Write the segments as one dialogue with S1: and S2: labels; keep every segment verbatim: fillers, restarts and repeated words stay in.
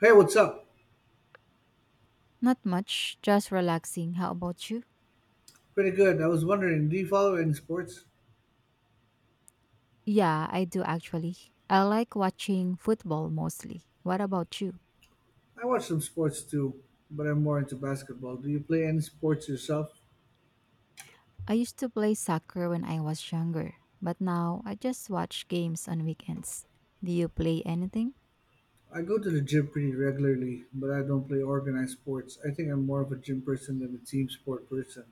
S1: Hey, what's up?
S2: Not much, just relaxing. How about you?
S1: Pretty good. I was wondering, do you follow any sports?
S2: Yeah, I do actually. I like watching football mostly. What about you?
S1: I watch some sports too, but I'm more into basketball. Do you play any sports yourself?
S2: I used to play soccer when I was younger, but now I just watch games on weekends. Do you play anything?
S1: I go to the gym pretty regularly, but I don't play organized sports. I think I'm more of a gym person than a team sport person.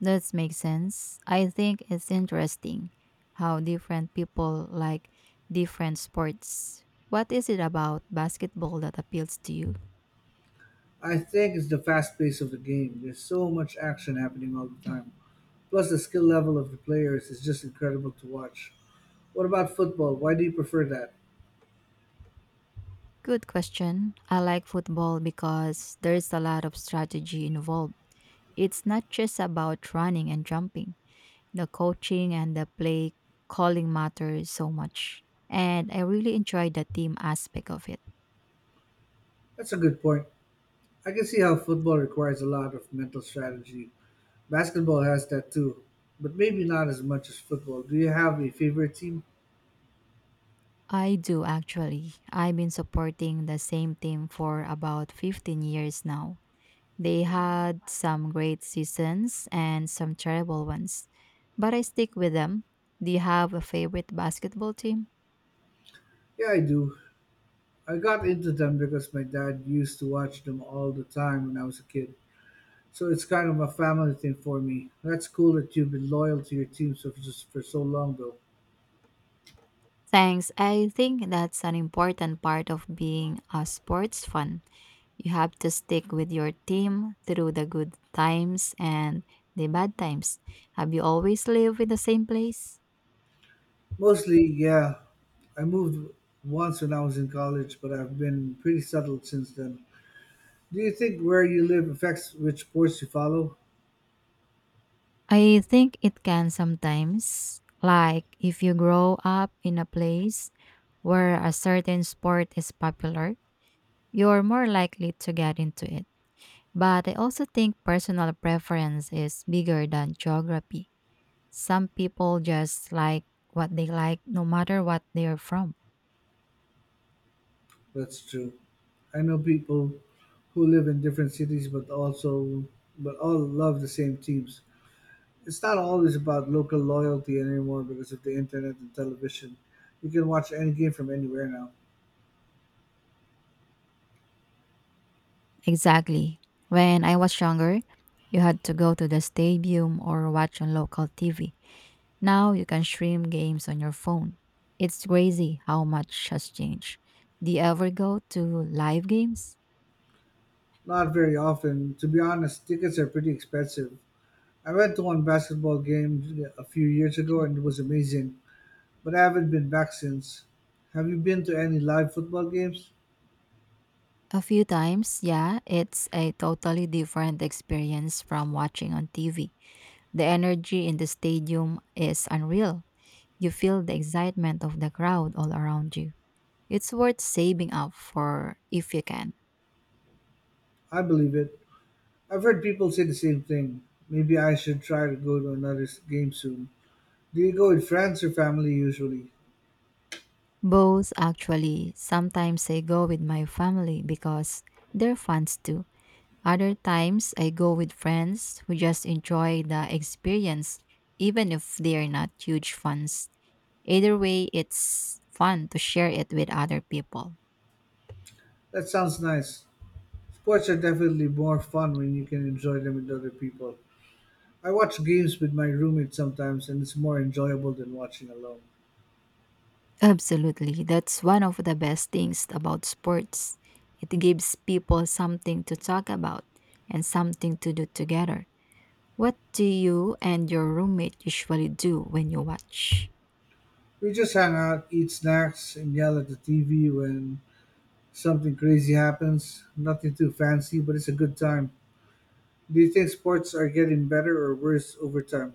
S2: That makes sense. I think it's interesting how different people like different sports. What is it about basketball that appeals to you?
S1: I think it's the fast pace of the game. There's so much action happening all the time. Plus, the skill level of the players is just incredible to watch. What about football? Why do you prefer that?
S2: Good question. I like football because there's a lot of strategy involved. It's not just about running and jumping. The coaching and the play calling matters so much. And I really enjoy the team aspect of it.
S1: That's a good point. I can see how football requires a lot of mental strategy. Basketball has that too, but maybe not as much as football. Do you have a favorite team?
S2: I do actually. I've been supporting the same team for about fifteen years now. They had some great seasons and some terrible ones, but I stick with them. Do you have a favorite basketball team?
S1: Yeah, I do. I got into them because my dad used to watch them all the time when I was a kid. So it's kind of a family thing for me. That's cool that you've been loyal to your team so just for so long though.
S2: Thanks. I think that's an important part of being a sports fan. You have to stick with your team through the good times and the bad times. Have you always lived in the same place?
S1: Mostly, yeah. I moved once when I was in college, but I've been pretty settled since then. Do you think where you live affects which sports you follow?
S2: I think it can sometimes. Like if you grow up in a place where a certain sport is popular, you're more likely to get into it. But I also think personal preference is bigger than geography. Some people just like what they like no matter what they are from.
S1: That's true. I know people who live in different cities but also but all love the same teams. It's not always about local loyalty anymore because of the internet and television. You can watch any game from anywhere now.
S2: Exactly. When I was younger, you had to go to the stadium or watch on local T V. Now you can stream games on your phone. It's crazy how much has changed. Do you ever go to live games?
S1: Not very often. To be honest, tickets are pretty expensive. I went to one basketball game a few years ago and it was amazing, but I haven't been back since. Have you been to any live football games?
S2: A few times, yeah, it's a totally different experience from watching on T V. The energy in the stadium is unreal. You feel the excitement of the crowd all around you. It's worth saving up for if you can.
S1: I believe it. I've heard people say the same thing. Maybe I should try to go to another s- game soon. Do you go with friends or family usually?
S2: Both actually. Sometimes I go with my family because they're fans too. Other times I go with friends who just enjoy the experience even if they are not huge fans. Either way, it's fun to share it with other people.
S1: That sounds nice. Sports are definitely more fun when you can enjoy them with other people. I watch games with my roommate sometimes, and it's more enjoyable than watching alone.
S2: Absolutely. That's one of the best things about sports. It gives people something to talk about and something to do together. What do you and your roommate usually do when you watch?
S1: We just hang out, eat snacks, and yell at the T V when something crazy happens. Nothing too fancy, but it's a good time. Do you think sports are getting better or worse over time?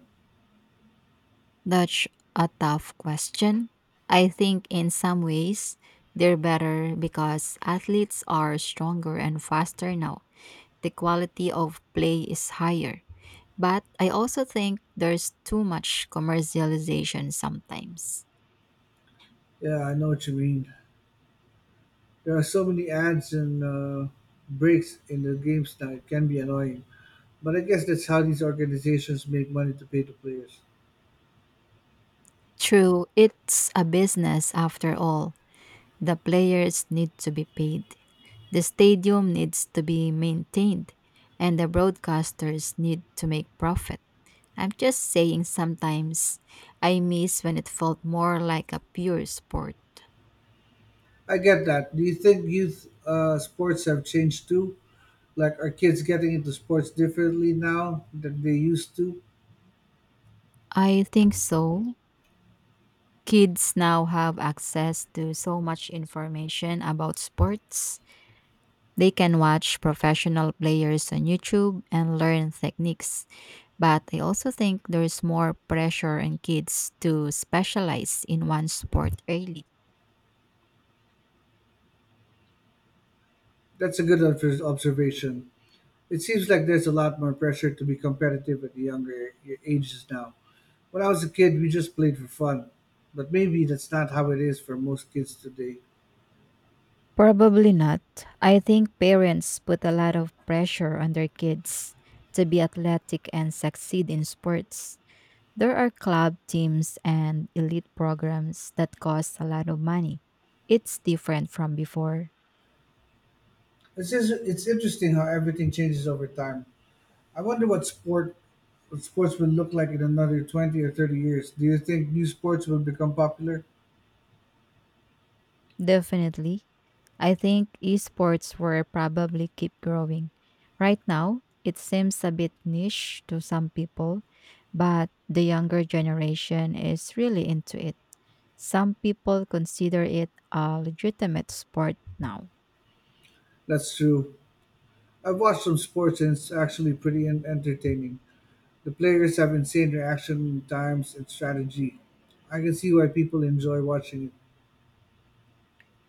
S2: That's a tough question. I think in some ways they're better because athletes are stronger and faster now. The quality of play is higher. But I also think there's too much commercialization sometimes.
S1: Yeah, I know what you mean. There are so many ads and uh, breaks in the games now; it can be annoying. But I guess that's how these organizations make money to pay the players.
S2: True, it's a business after all. The players need to be paid, the stadium needs to be maintained, and the broadcasters need to make profit. I'm just saying sometimes I miss when it felt more like a pure sport.
S1: I get that. Do you think youth uh, sports have changed too? Like, are kids getting into sports differently now than they used to?
S2: I think so. Kids now have access to so much information about sports. They can watch professional players on YouTube and learn techniques. But I also think there's more pressure on kids to specialize in one sport early.
S1: That's a good obs- observation. It seems like there's a lot more pressure to be competitive at the younger a- ages now. When I was a kid, we just played for fun. But maybe that's not how it is for most kids today.
S2: Probably not. I think parents put a lot of pressure on their kids to be athletic and succeed in sports. There are club teams and elite programs that cost a lot of money. It's different from before.
S1: It's just, it's interesting how everything changes over time. I wonder what sport what sports will look like in another twenty or thirty years. Do you think new sports will become popular?
S2: Definitely. I think esports will probably keep growing. Right now, it seems a bit niche to some people, but the younger generation is really into it. Some people consider it a legitimate sport now.
S1: That's true. I've watched some sports and it's actually pretty en- entertaining. The players have insane reaction times and strategy. I can see why people enjoy watching it.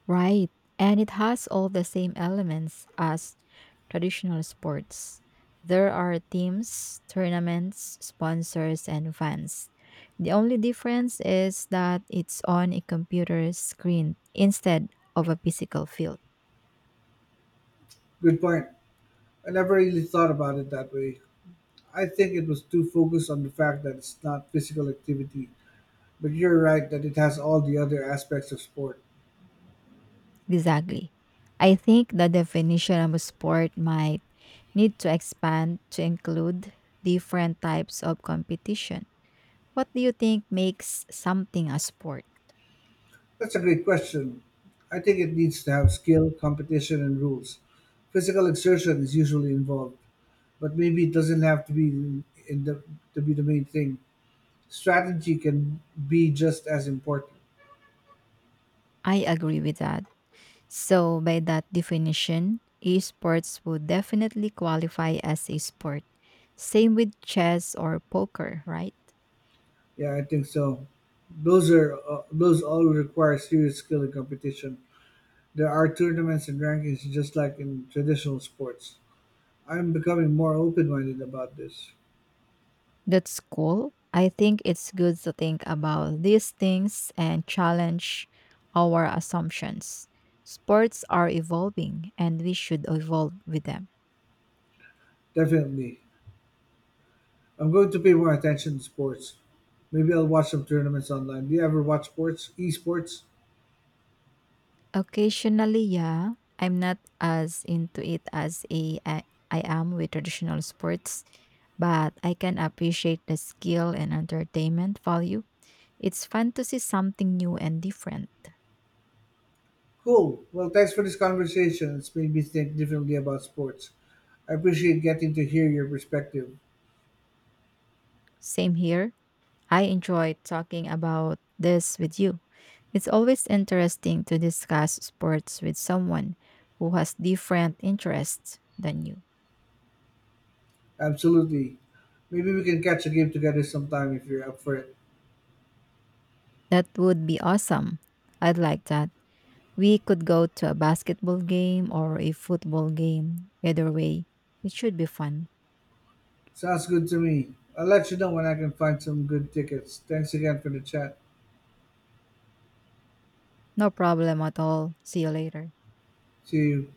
S2: Right. And it has all the same elements as traditional sports. There are teams, tournaments, sponsors, and fans. The only difference is that it's on a computer screen instead of a physical field.
S1: Good point. I never really thought about it that way. I think it was too focused on the fact that it's not physical activity, but you're right that it has all the other aspects of sport.
S2: Exactly. I think the definition of a sport might need to expand to include different types of competition. What do you think makes something a sport?
S1: That's a great question. I think it needs to have skill, competition, and rules. Physical exertion is usually involved, but maybe it doesn't have to be in, in the to be the main thing. Strategy can be just as important.
S2: I agree with that. So, by that definition, esports would definitely qualify as a sport. Same with chess or poker, right?
S1: Yeah, I think so. Those are uh, those all require serious skill and competition. There are tournaments and rankings just like in traditional sports. I'm becoming more open-minded about this.
S2: That's cool. I think it's good to think about these things and challenge our assumptions. Sports are evolving and we should evolve with them.
S1: Definitely. I'm going to pay more attention to sports. Maybe I'll watch some tournaments online. Do you ever watch sports? Esports?
S2: Occasionally, yeah. I'm not as into it as a, I, I am with traditional sports, but I can appreciate the skill and entertainment value. It's fun to see something new and different.
S1: Cool. Well, thanks for this conversation. It's made me think differently about sports. I appreciate getting to hear your perspective.
S2: Same here. I enjoy talking about this with you. It's always interesting to discuss sports with someone who has different interests than you.
S1: Absolutely. Maybe we can catch a game together sometime if you're up for it.
S2: That would be awesome. I'd like that. We could go to a basketball game or a football game. Either way, it should be fun.
S1: Sounds good to me. I'll let you know when I can find some good tickets. Thanks again for the chat.
S2: No problem at all. See you later.
S1: See you.